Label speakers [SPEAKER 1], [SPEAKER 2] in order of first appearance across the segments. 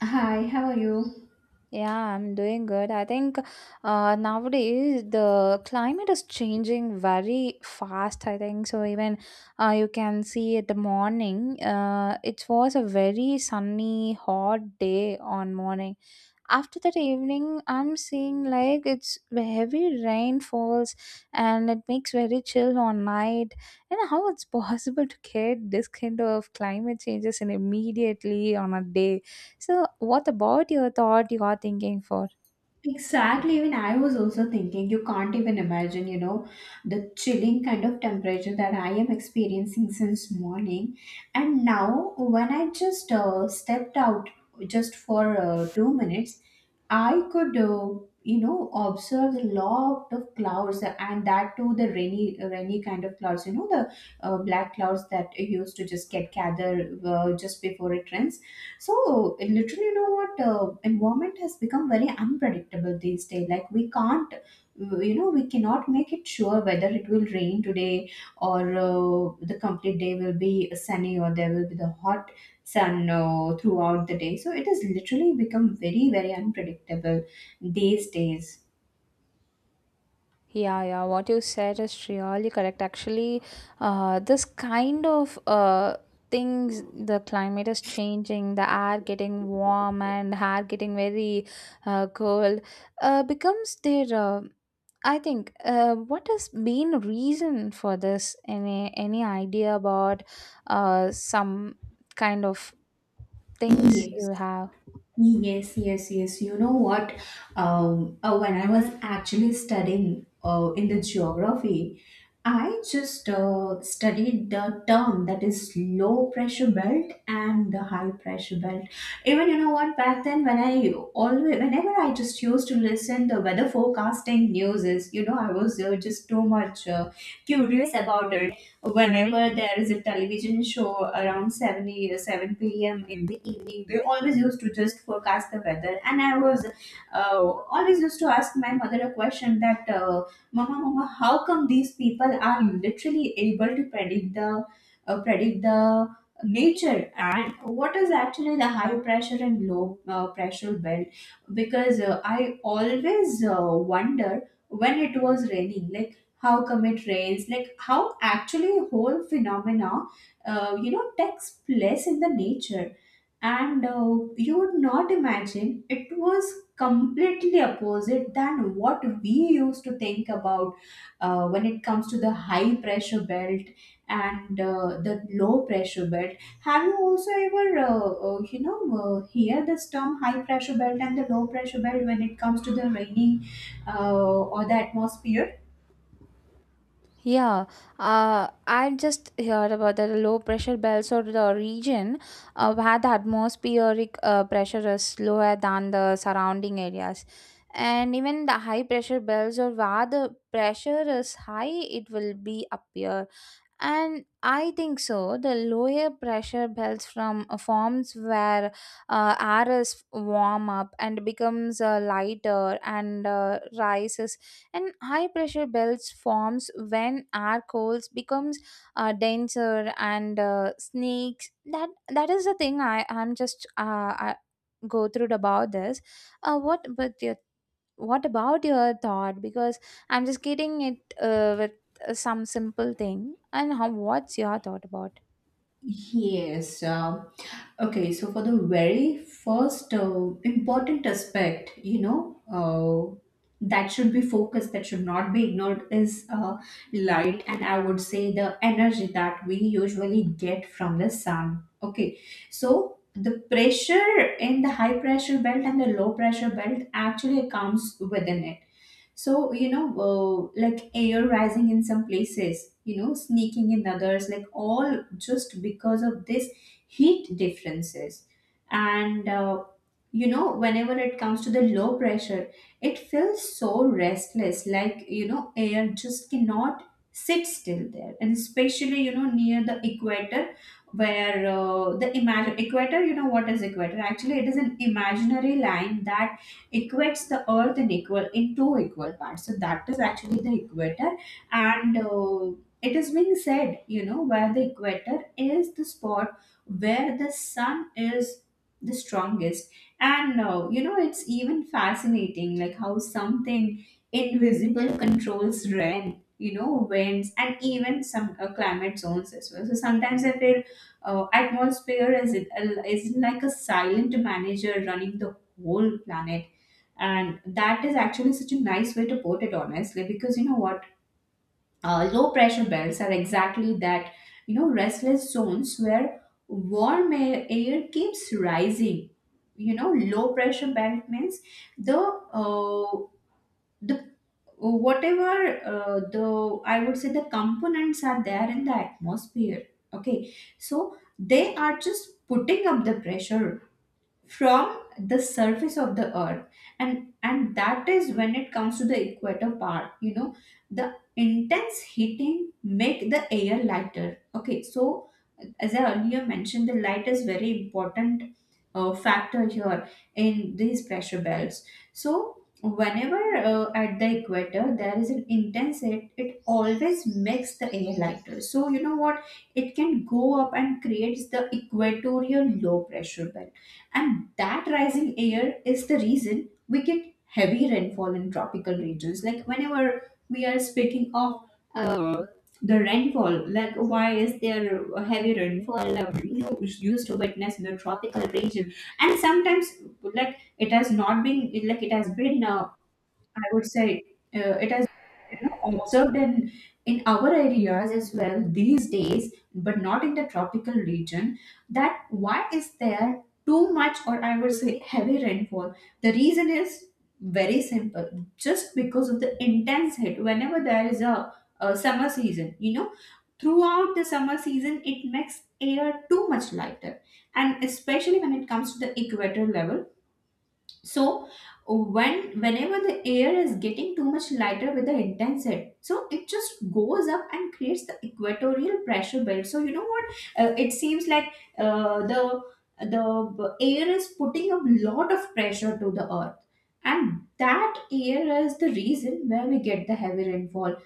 [SPEAKER 1] Hi, how are you?
[SPEAKER 2] Yeah, I'm doing good. I think nowadays the climate is changing very fast. I think so. Even you can see at the morning, it was a very sunny, hot day on morning, after that evening I'm seeing like it's heavy rain falls, and it makes very chill on night, and how it's possible to get this kind of climate changes in immediately on a day? So what about your thought you are thinking for?
[SPEAKER 1] Exactly, even I was also thinking, you can't even imagine, you know, the chilling kind of temperature that I am experiencing since morning. And now, when I just stepped out just for 2 minutes, I could, observe a lot of clouds, and that too the rainy, rainy kind of clouds. You know, the black clouds that used to just get gathered just before it rains. So literally, you know what? Environment has become very unpredictable these days. Like we can't, we cannot make it sure whether it will rain today or the complete day will be sunny or there will be the hot sun throughout the day. So it has literally become very, very unpredictable these days.
[SPEAKER 2] Yeah, yeah, what you said is really correct. Actually, this kind of things, the climate is changing, the air getting warm and hair getting very cold, becomes their, I think, what has been reason for this? Any idea about some kind of things
[SPEAKER 1] Yes.
[SPEAKER 2] you have?
[SPEAKER 1] Yes, yes, yes. You know what? When I was actually studying in the geography, I just studied the term that is low pressure belt and the high pressure belt. Even you know what? Back then, when I always, whenever I just used to listen the weather forecasting news, is you know I was just too much curious about it whenever there is a television show around 7 p.m. in the evening, they always used to just forecast the weather. And I was always used to ask my mother a question that, Mama, Mama, how come these people are literally able to predict the uh, predict the nature and what is actually the high pressure and low pressure belt because I always wonder when it was raining, like how come it rains, like how actually whole phenomena you know takes place in the nature. And you would not imagine, it was completely opposite than what we used to think about when it comes to the high pressure belt and the low pressure belt. Have you also ever you know hear this term high pressure belt and the low pressure belt when it comes to the raining or the atmosphere?
[SPEAKER 2] Yeah, I just heard about that low pressure belts or the region where the atmospheric pressure is lower than the surrounding areas. And even the high pressure belts or where the pressure is high, it will be appear, and I think so the lower pressure belts from forms where air is warm up and becomes lighter and rises, and high pressure belts forms when air cools becomes denser and sneaks, that is the thing I I'm just I, go through about this. What about your, what about your thought, because I'm just getting it with some simple thing, and how what's your thought about?
[SPEAKER 1] Yes. Okay. So for the very first important aspect, you know, that should be focused, that should not be ignored, is light, and I would say the energy that we usually get from the sun. Okay. So the pressure in the high pressure belt and the low pressure belt actually comes within it. So you know, like air rising in some places, you know, sneaking in others, like all just because of this heat differences. And you know, whenever it comes to the low pressure, it feels so restless, like you know air just cannot sit still there, and especially you know near the equator where the imagine equator, you know what is equator actually? It is an imaginary line that equates the earth in equal, in two equal parts. So that is actually the equator. And it is being said, you know, where the equator is, the spot where the sun is the strongest. And you know, it's even fascinating, like how something invisible controls rain, you know, winds, and even some climate zones as well. So sometimes I feel atmosphere is, it is like a silent manager running the whole planet. And that is actually such a nice way to put it, honestly, because you know what, low pressure belts are exactly that, you know, restless zones where warm air keeps rising. You know, low pressure belt means the uh, the whatever the, I would say, the components are there in the atmosphere, okay, so they are just putting up the pressure from the surface of the earth. And that is, when it comes to the equator part, you know, the intense heating make the air lighter. Okay, so as I earlier mentioned, the light is very important factor here in these pressure belts. So whenever at the equator there is an intense heat, it always makes the air lighter, so you know what, it can go up and creates the equatorial low pressure belt. And that rising air is the reason we get heavy rainfall in tropical regions. Like whenever we are speaking of uh, the rainfall, like why is there heavy rainfall you know, is used to witness in the tropical region? And sometimes, like it has not been, like it has been I would say, it has you know, observed in our areas as well these days, but not in the tropical region. That why is there too much, or I would say heavy rainfall? The reason is very simple, just because of the intense heat. Whenever there is a summer season, you know, throughout the summer season, it makes air too much lighter, and especially when it comes to the equator level. So whenever the air is getting too much lighter with the intense heat, so it just goes up and creates the equatorial pressure belt. So you know what, it seems like uh, the the air is putting a lot of pressure to the earth, and that air is the reason where we get the heavy rainfall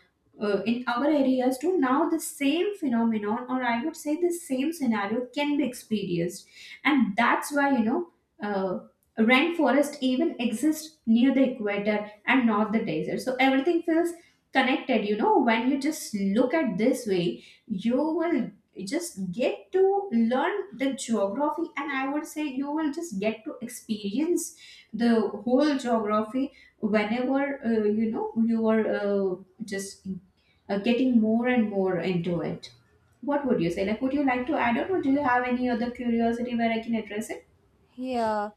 [SPEAKER 1] in our areas too. Now the same phenomenon, or I would say the same scenario, can be experienced. And that's why you know uh, rainforest even exist near the equator and not the desert. So everything feels connected, you know, when you just look at this way, you will just get to learn the geography, and I would say you will just get to experience the whole geography whenever you know you are just getting more and more into it. What would you say? Like would you like to add on, or do you have any other curiosity where I can address it?
[SPEAKER 2] Yeah.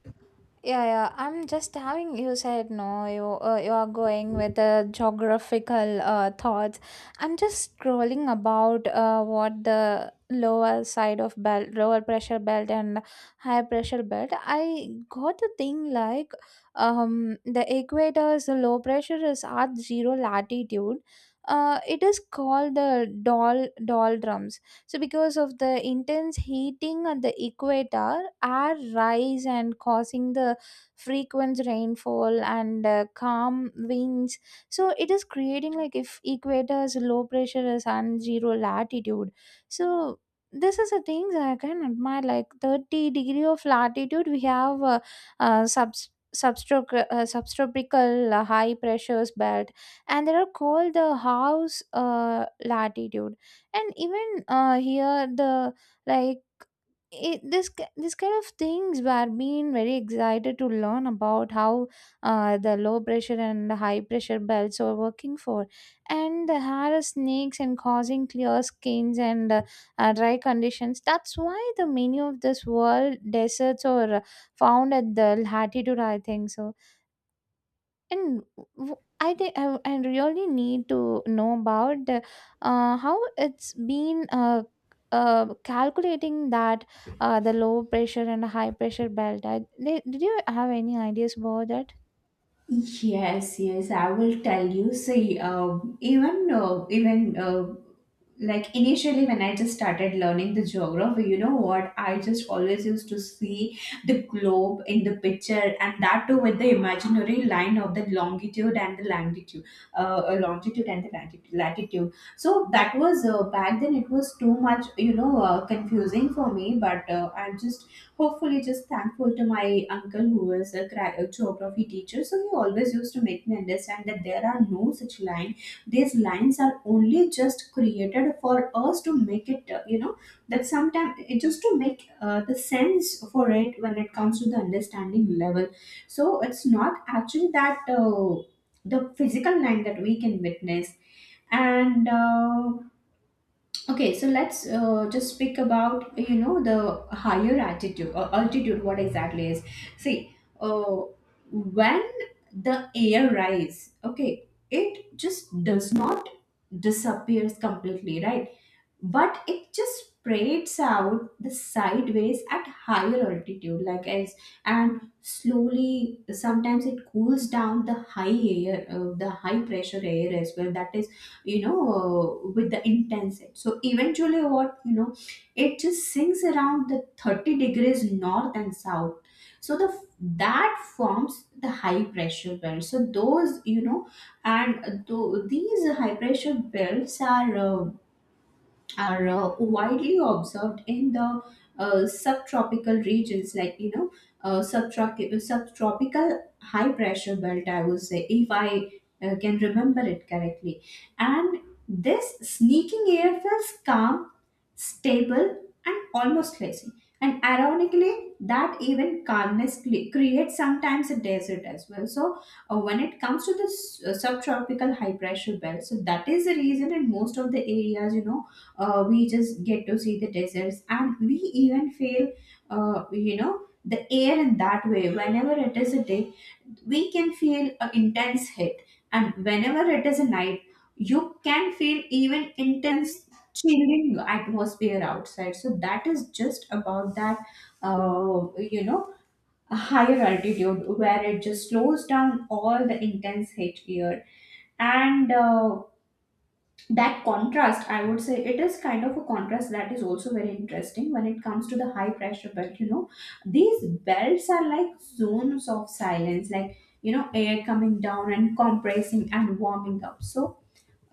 [SPEAKER 2] Yeah, yeah. I'm just having, you said no, you you are going with the geographical thoughts. I'm just scrolling about what the lower side of belt, lower pressure belt and higher pressure belt. I got the thing like the equator's low pressure is at zero latitude. It is called the doll doldrums. So because of the intense heating at the equator, air rise and causing the frequent rainfall and calm winds. So it is creating like, if equator is low pressure is and zero latitude, so this is the things I can admire. Like 30 degree of latitude we have subtropical high pressures belt, and they are called the house latitude. And even here the, like, this kind of things were being very excited to learn about how the low pressure and the high pressure belts were working for, and the hair snakes and causing clear skins and dry conditions. That's why the many of this world deserts are found at the latitude, I think so. And I really need to know about how it's been calculating that the low pressure and high pressure belt. I, did you have any ideas about that?
[SPEAKER 1] Yes, yes, I will tell you. See, even even like initially when I just started learning the geography, you know what? I just always used to see the globe in the picture, and that too with the imaginary line of the longitude and the longitude, longitude and the latitude. Latitude. So that was back then. It was too much, you know, confusing for me. But I'm just hopefully just thankful to my uncle who was a a geography teacher, so he always used to make me understand that there are no such line. These lines are only just created for us to make it, you know, that sometimes it just to make the sense for it when it comes to the understanding level. So it's not actually that the physical line that we can witness. And okay, so let's just speak about, you know, the higher altitude or altitude. What exactly is? See, when the air rise, okay, it just does not disappears completely, right? But it just spreads out the sideways at higher altitude, like as, and slowly sometimes it cools down the high air, the high pressure air as well, that is, you know, with the intensity. So eventually, what you know, it just sinks around the 30 degrees north and south. So the that forms the high pressure belt. So those you know, and these high pressure belts are widely observed in the subtropical regions, like you know, subtropical high pressure belt, I would say, if I can remember it correctly. And this sneaking air feels calm, stable, and almost lazy. And ironically, that even calmness creates sometimes a desert as well. So when it comes to the subtropical high pressure belt, so that is the reason in most of the areas, you know, we just get to see the deserts, and we even feel you know, the air in that way. Whenever it is a day, we can feel an intense hit, and whenever it is a night, you can feel even intense chilling atmosphere outside. So that is just about that, you know, a higher altitude where it just slows down all the intense heat here. And that contrast, I would say, it is kind of a contrast that is also very interesting when it comes to the high pressure belt. You know, these belts are like zones of silence, like you know, air coming down and compressing and warming up. So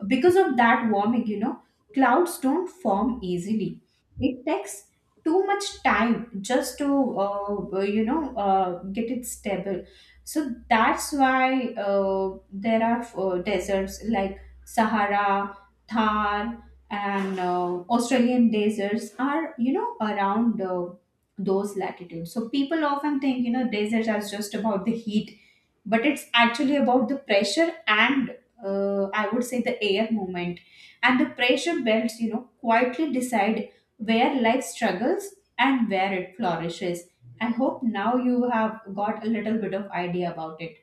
[SPEAKER 1] because of that warming, you know, clouds don't form easily. It takes too much time just to get it stable. So that's why there are deserts like Sahara, Thar, and Australian deserts are, you know, around those latitudes. So people often think, you know, deserts are just about the heat, but it's actually about the pressure and I would say the air movement. And the pressure belts, you know, quietly decide where life struggles and where it flourishes. I hope now you have got a little bit of idea about it.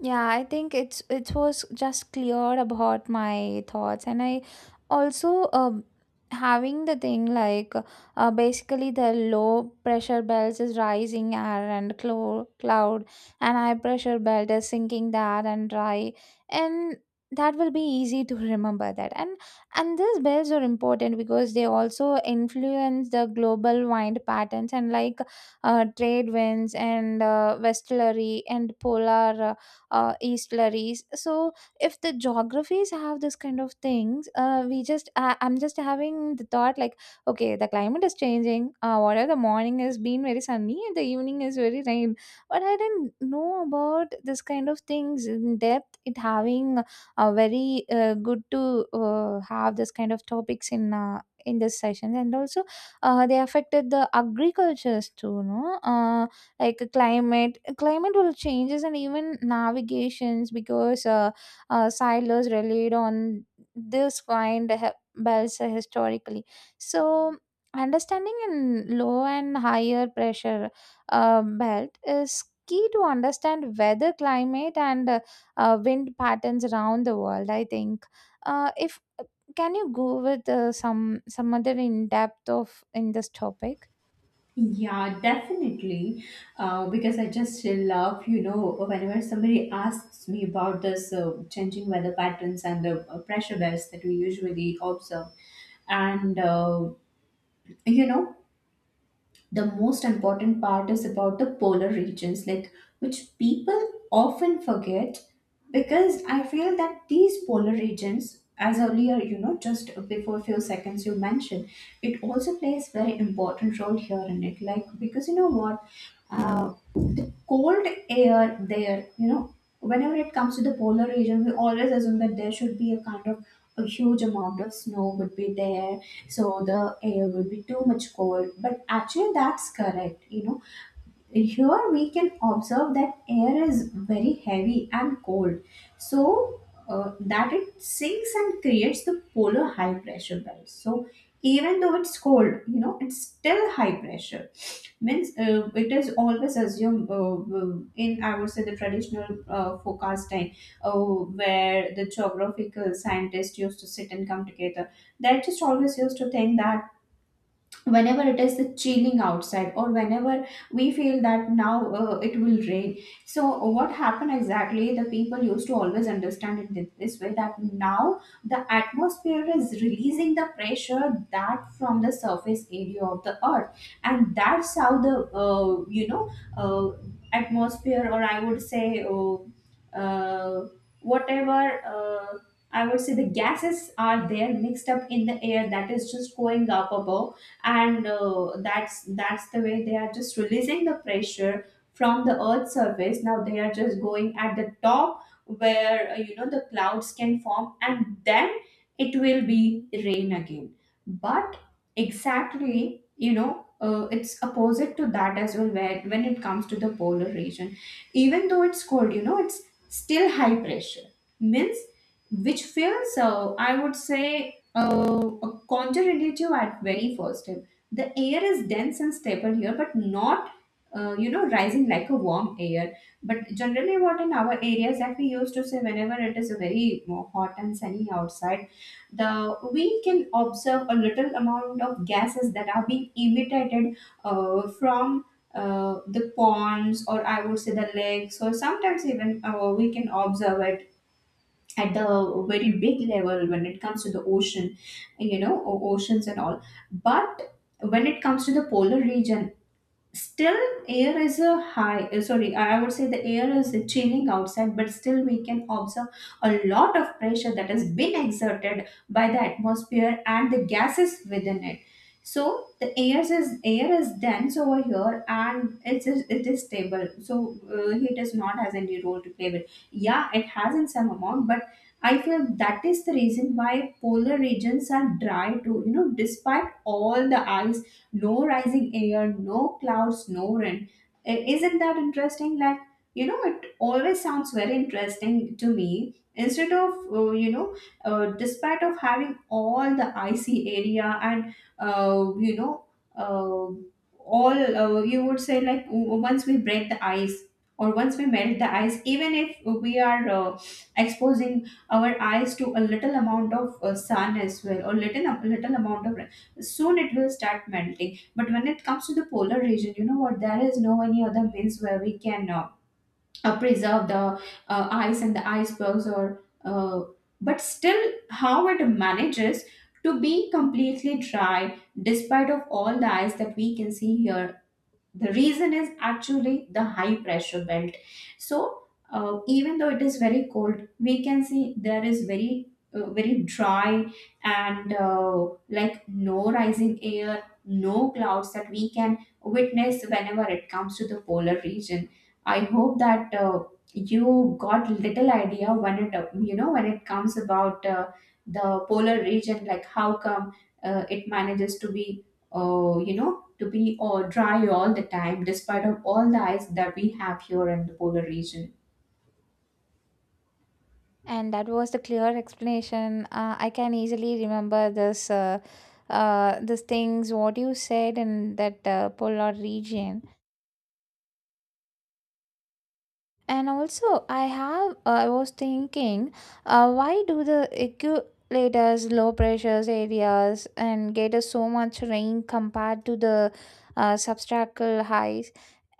[SPEAKER 2] Yeah, I think it's, it was just clear about my thoughts, and I also having the thing like, basically the low pressure belt is rising air and cloud, and high pressure belt is sinking the air and dry, and that will be easy to remember that. And these belts are important because they also influence the global wind patterns and like trade winds and westerly and polar, eastlries. So if the geographies have this kind of things, we just I'm just having the thought like, okay, the climate is changing. Whatever the morning has been very sunny and the evening is very rain. But I didn't know about this kind of things in depth. It having very good to have this kind of topics in. In this session, and also they affected the agricultures too, no? Like climate will changes, and even navigations, because sailors relied on this kind of belts historically. So understanding in low and higher pressure belt is key to understand weather climate and wind patterns around the world, I think. If can you go with some other in depth of in this topic?
[SPEAKER 1] Yeah, definitely. Because I just love, you know, whenever somebody asks me about this changing weather patterns and the pressure waves that we usually observe, and uh, you know, the most important part is about the polar regions, like which people often forget, because I feel that these polar regions, as earlier, you know, just before few seconds you mentioned, it also plays very important role here in it, like because you know what, uh, the cold air there, you know, whenever it comes to the polar region we always assume that there should be a kind of a huge amount of snow would be there, so the air will be too much cold, but actually that's correct, you know, here we can observe that air is very heavy and cold. So that it sinks and creates the polar high pressure belt. So even though it's cold, you know, it's still high pressure. Means it is always assumed, in, I would say, the traditional forecasting, where the geographical scientists used to sit and come together, they just always used to think that whenever it is chilling outside or whenever we feel that now it will rain, so what happened exactly, the people used to always understand it this way, that now the atmosphere is releasing the pressure, that from the surface area of the earth. And that's how the uh, atmosphere, or I would say, uh, whatever, uh, I would say the gases are there mixed up in the air, that is just going up above. And that's the way they are just releasing the pressure from the earth surface. Now they are just going at the top where, you know, the clouds can form, and then it will be rain again. But exactly, you know, it's opposite to that as well, where when it comes to the polar region, even though it's cold, you know, it's still high pressure. Means, which feels I would say a counterintuitive at very first time. The air is dense and stable here, but not you know, rising like a warm air. But generally, what in our areas that we used to say whenever it is a very you hot and sunny outside, the we can observe a little amount of gases that are being emitted from. The ponds, or I would say the lakes, or sometimes even we can observe it at the very big level when it comes to the ocean, you know, oceans and all. But when it comes to the polar region, still, air is a high, sorry, I would say the air is chilling outside, but still we can observe a lot of pressure that has been exerted by the atmosphere and the gases within it. So the air is, air is dense over here, and it is stable. So heat does not has any role to play with. Yeah, it has in some amount, but I feel that is the reason why polar regions are dry too, you know, despite all the ice. No rising air, no clouds, no rain. Isn't that interesting? Like, you know, it always sounds very interesting to me. Instead of, you know, despite of having all the icy area and, you know, uh, all, you would say, like once we break the ice, or once we melt the ice, even if we are exposing our eyes to a little amount of sun as well, or little little amount of soon, it will start melting. But when it comes to the polar region, you know what, there is no any other means where we can preserve the ice and the icebergs, or but still how it manages to be completely dry despite of all the ice that we can see here. The reason is actually the high pressure belt. So even though it is very cold, we can see there is very very dry, and like no rising air, no clouds that we can witness whenever it comes to the polar region. I hope that you got little idea when it, you know, when it comes about the polar region, like how come it manages to be you know, to be all dry all the time despite of all the ice that we have here in the polar region.
[SPEAKER 2] And that was the clear explanation. I can easily remember this, these things what you said in that polar region. And also, I have I was thinking, why do the eculators, low pressures areas, and get us so much rain compared to the substracal highs?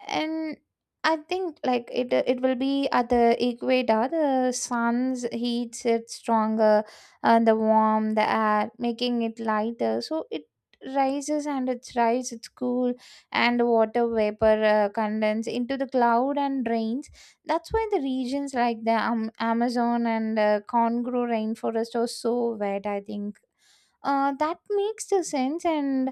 [SPEAKER 2] And I think like it will be at the equator the sun's heat it's stronger, and the warm the air making it lighter, so it rises and it's rise it's cool, and water vapor condense into the cloud and rains. That's why the regions like the amazon and congo rainforest are so wet, I think. That makes the sense. And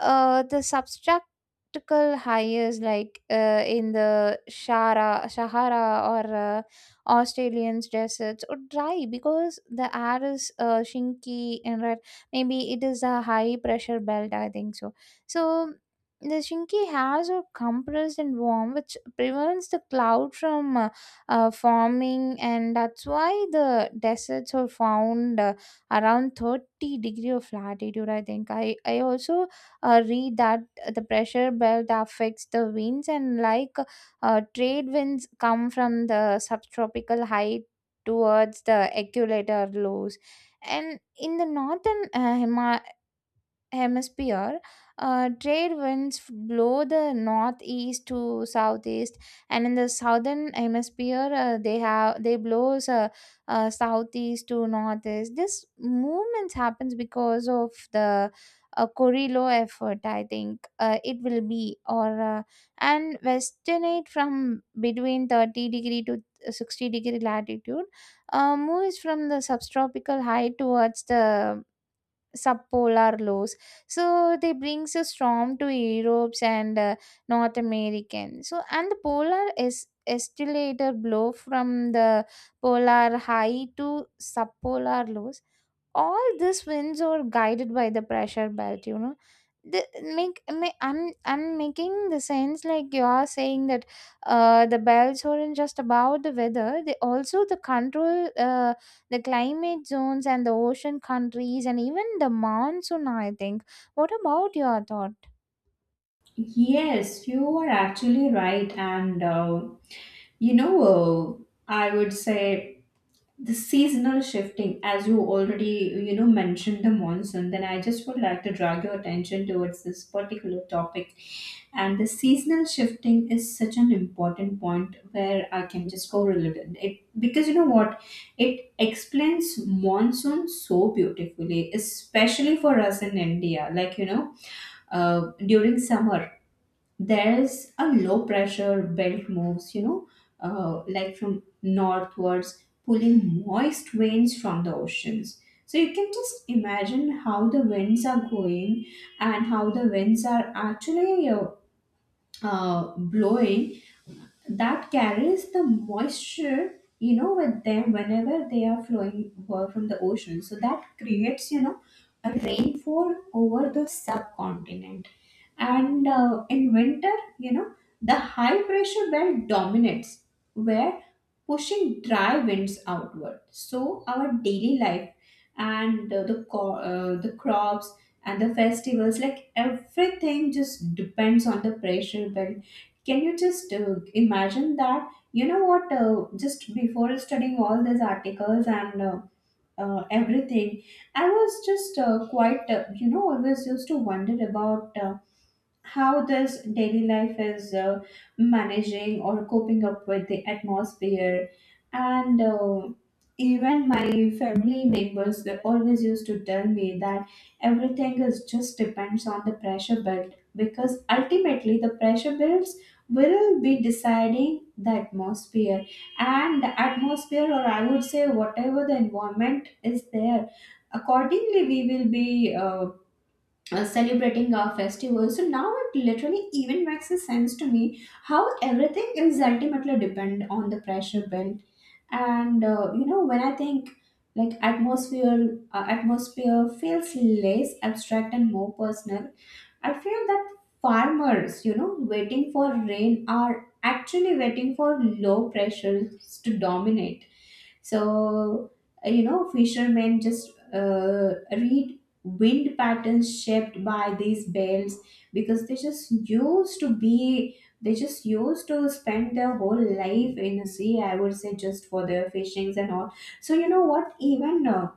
[SPEAKER 2] the substractical hires like in the Sahara or Australian deserts would dry because the air is shinky and red. Maybe it is a high pressure belt, I think so. So the shinky has are compressed and warm, which prevents the cloud from forming, and that's why the deserts are found around 30 degree of latitude, I think. I also read that the pressure belt affects the winds and like trade winds come from the subtropical height towards the equator lows, and in the northern hemisphere, trade winds blow the northeast to southeast, and in the southern hemisphere, they have they blows southeast to northeast. This movement happens because of the Corilo effort, I think. It will be, or and westernate from between 30 degree to 60 degree latitude moves from the subtropical high towards the subpolar lows, so they brings a storm to Europe and north american. So and the polar is escalator blow from the polar high to subpolar lows. All these wins are guided by the pressure belt, you know. The, make, ma- I'm I'm making the sense like you are saying that the belts aren't just about the weather, they also the control the climate zones and the ocean countries and even the monsoon, I think. What about your thought?
[SPEAKER 1] Yes, you are actually right. And, you know, I would say the seasonal shifting, as you already, you know, mentioned the monsoon, then I just would like to drag your attention towards this particular topic. And the seasonal shifting is such an important point where I can just go a little it, because you know what, it explains monsoon so beautifully, especially for us in India, like, you know, during summer there's a low pressure belt moves, you know, like from northwards, pulling moist winds from the oceans. So you can just imagine how the winds are going and how the winds are actually blowing, that carries the moisture, you know, with them whenever they are flowing from the ocean. So that creates, you know, a rainfall over the subcontinent. And in winter, you know, the high pressure belt dominates, where pushing dry winds outward. So our daily life, and the the crops and the festivals, like everything just depends on the pressure belt. Can you just imagine that? You know what? Just before studying all these articles and everything, I was just quite, you know, always used to wonder about how does daily life is managing or coping up with the atmosphere. And even my family members, they always used to tell me that everything is just depends on the pressure build, because ultimately the pressure builds will be deciding the atmosphere. And the atmosphere, or I would say, whatever the environment is there, accordingly we will be celebrating our festivals. So now it literally even makes a sense to me how everything is ultimately depend on the pressure built. And you know, when I think like atmosphere, atmosphere feels less abstract and more personal. I feel that farmers, you know, waiting for rain are actually waiting for low pressures to dominate. So, you know, fishermen just read wind patterns shaped by these bells, because they just used to spend their whole life in the sea, I would say, just for their fishings and all. So, you know what, even uh,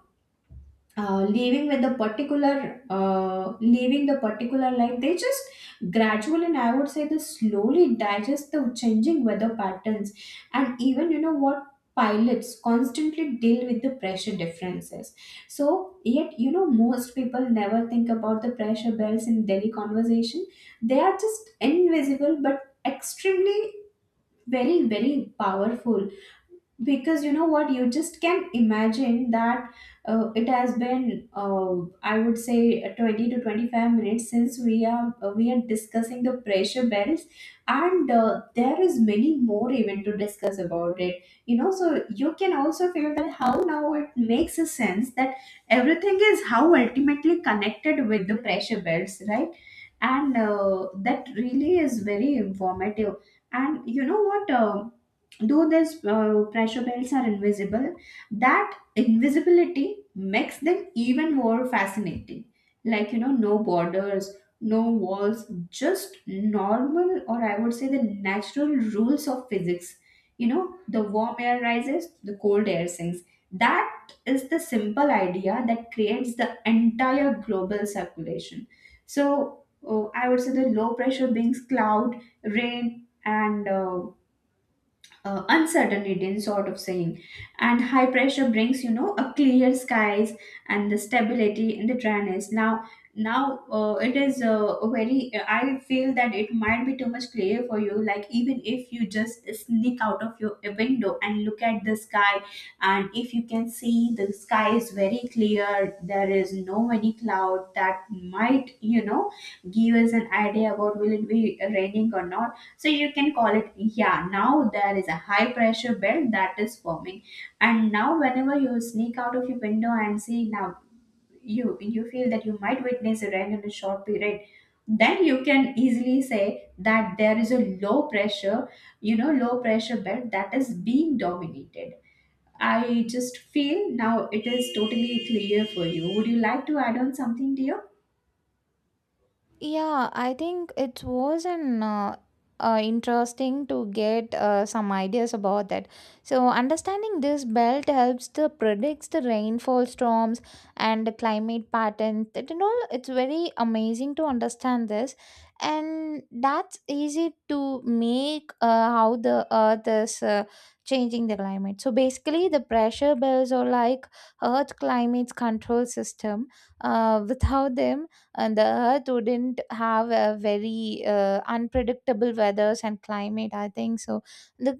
[SPEAKER 1] uh, leaving the particular life, they just gradually, and I would say, they slowly digest the changing weather patterns. And even, you know what, pilots constantly deal with the pressure differences. So yet, you know, most people never think about the pressure bells in daily conversation. They are just invisible, but extremely very very powerful, because you know what, you just can imagine that it has been I would say 20 to 25 minutes since we are, we are discussing the pressure bells. And there is many more even to discuss about it, you know. So you can also feel that how now it makes a sense that everything is how ultimately connected with the pressure bells, right? And that really is very informative. And you know what? Though these pressure belts are invisible, that invisibility makes them even more fascinating. Like, you know, no borders, no walls, just normal, or I would say the natural rules of physics. You know, the warm air rises, the cold air sinks. That is the simple idea that creates the entire global circulation. So, I would say the low pressure brings cloud, rain, and uncertain Indian sort of saying. And high pressure brings, you know, a clear skies and the stability in the dryness. Now, now it is very. I feel that it might be too much clear for you. Like, even if you just sneak out of your window and look at the sky, and if you can see the sky is very clear, there is no any cloud that might, you know, give us an idea about will it be raining or not, so you can call it, yeah, now there is a high pressure belt that is forming. And now whenever you sneak out of your window and see now, you feel that you might witness a rain in a short period, then you can easily say that there is a low pressure, you know, low pressure belt that is being dominated. I just feel now it is totally clear for you. Would you like to add on something dear?
[SPEAKER 2] Yeah, I think it was an interesting to get some ideas about that. So understanding this belt helps to predicts the rainfall storms and the climate patterns. That and all, it's very amazing to understand this, and that's easy to make how the Earth is changing the climate. So basically, the pressure bells are like Earth climate's control system. Without them, and the earth wouldn't have a very unpredictable weathers and climate, I think so. The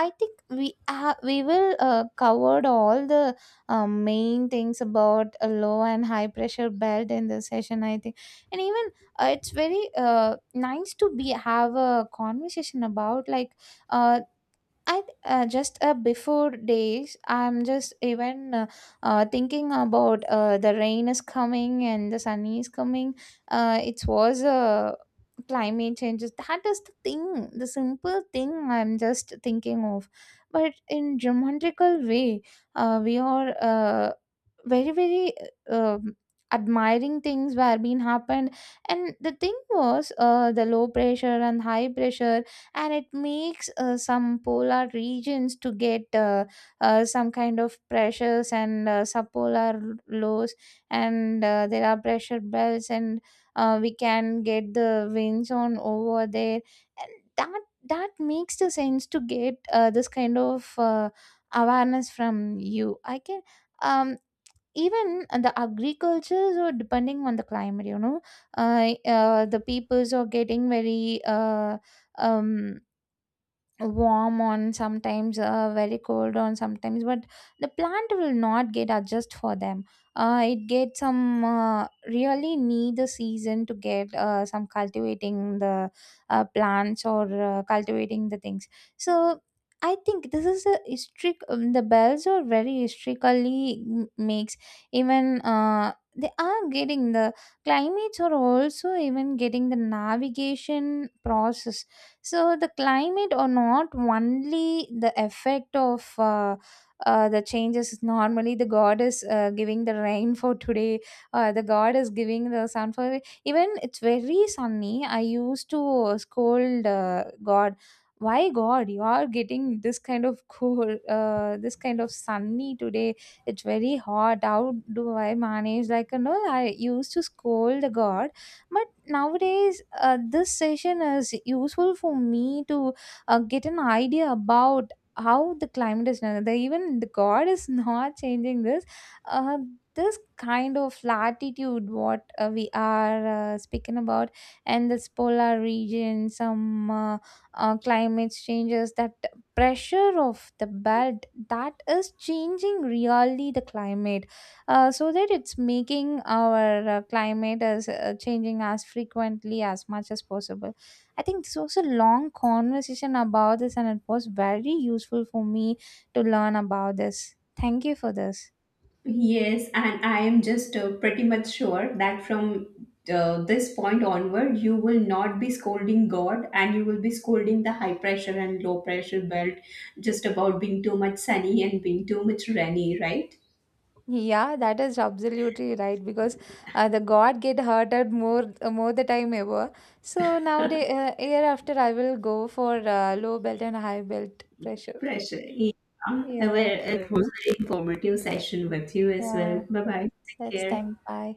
[SPEAKER 2] I think we will covered all the main things about a low and high pressure belt in the session, I think. And even it's very nice to be have a conversation about like, uh, I just before days, I'm just even thinking about the rain is coming and the sun is coming. It was climate changes. That is the thing, the simple thing I'm just thinking of. But in geometrical way, we are very very uh, um, admiring things were being happened, and the thing was the low pressure and high pressure, and it makes some polar regions to get some kind of pressures and subpolar lows, and there are pressure belts, and we can get the winds on over there, and that that makes the sense to get this kind of awareness from you. I can um even the agricultures are depending on the climate, you know. The peoples are getting very um warm on sometimes, very cold on sometimes, but the plant will not get adjust for them. It get some really need the season to get some cultivating the plants or cultivating the things. So I think this is a strict the bells are very strictly makes, even they are getting the climates, are also even getting the navigation process. So the climate or not only the effect of the changes, normally the god is giving the rain for today, the god is giving the sun for, even it's very sunny I used to scold god. Why god you are getting this kind of cool, this kind of sunny today, it's very hot, how do I manage, like, you know? I used to scold the god. But nowadays this session is useful for me to get an idea about how the climate is now. The, even the god is not changing this. Uh, this kind of latitude what we are speaking about, and this polar region some climate changes, that pressure of the belt that is changing really the climate. So that it's making our climate as changing as frequently as much as possible. I think this was a long conversation about this, and it was very useful for me to learn about this. Thank you for this.
[SPEAKER 1] Yes, and I am just pretty much sure that from this point onward, you will not be scolding God, and you will be scolding the high pressure and low pressure belt just about being too much sunny and being too much rainy, right?
[SPEAKER 2] Yeah, that is absolutely right, because the god get hurted more more the time ever. So nowadays hereafter I will go for low belt and high belt pressure.
[SPEAKER 1] Pressure. Yeah. Well,
[SPEAKER 2] Yeah,
[SPEAKER 1] it Correct. Was an informative session with you as well.
[SPEAKER 2] yeah,
[SPEAKER 1] Bye bye. Take
[SPEAKER 2] let's
[SPEAKER 1] care.
[SPEAKER 2] thank, bye.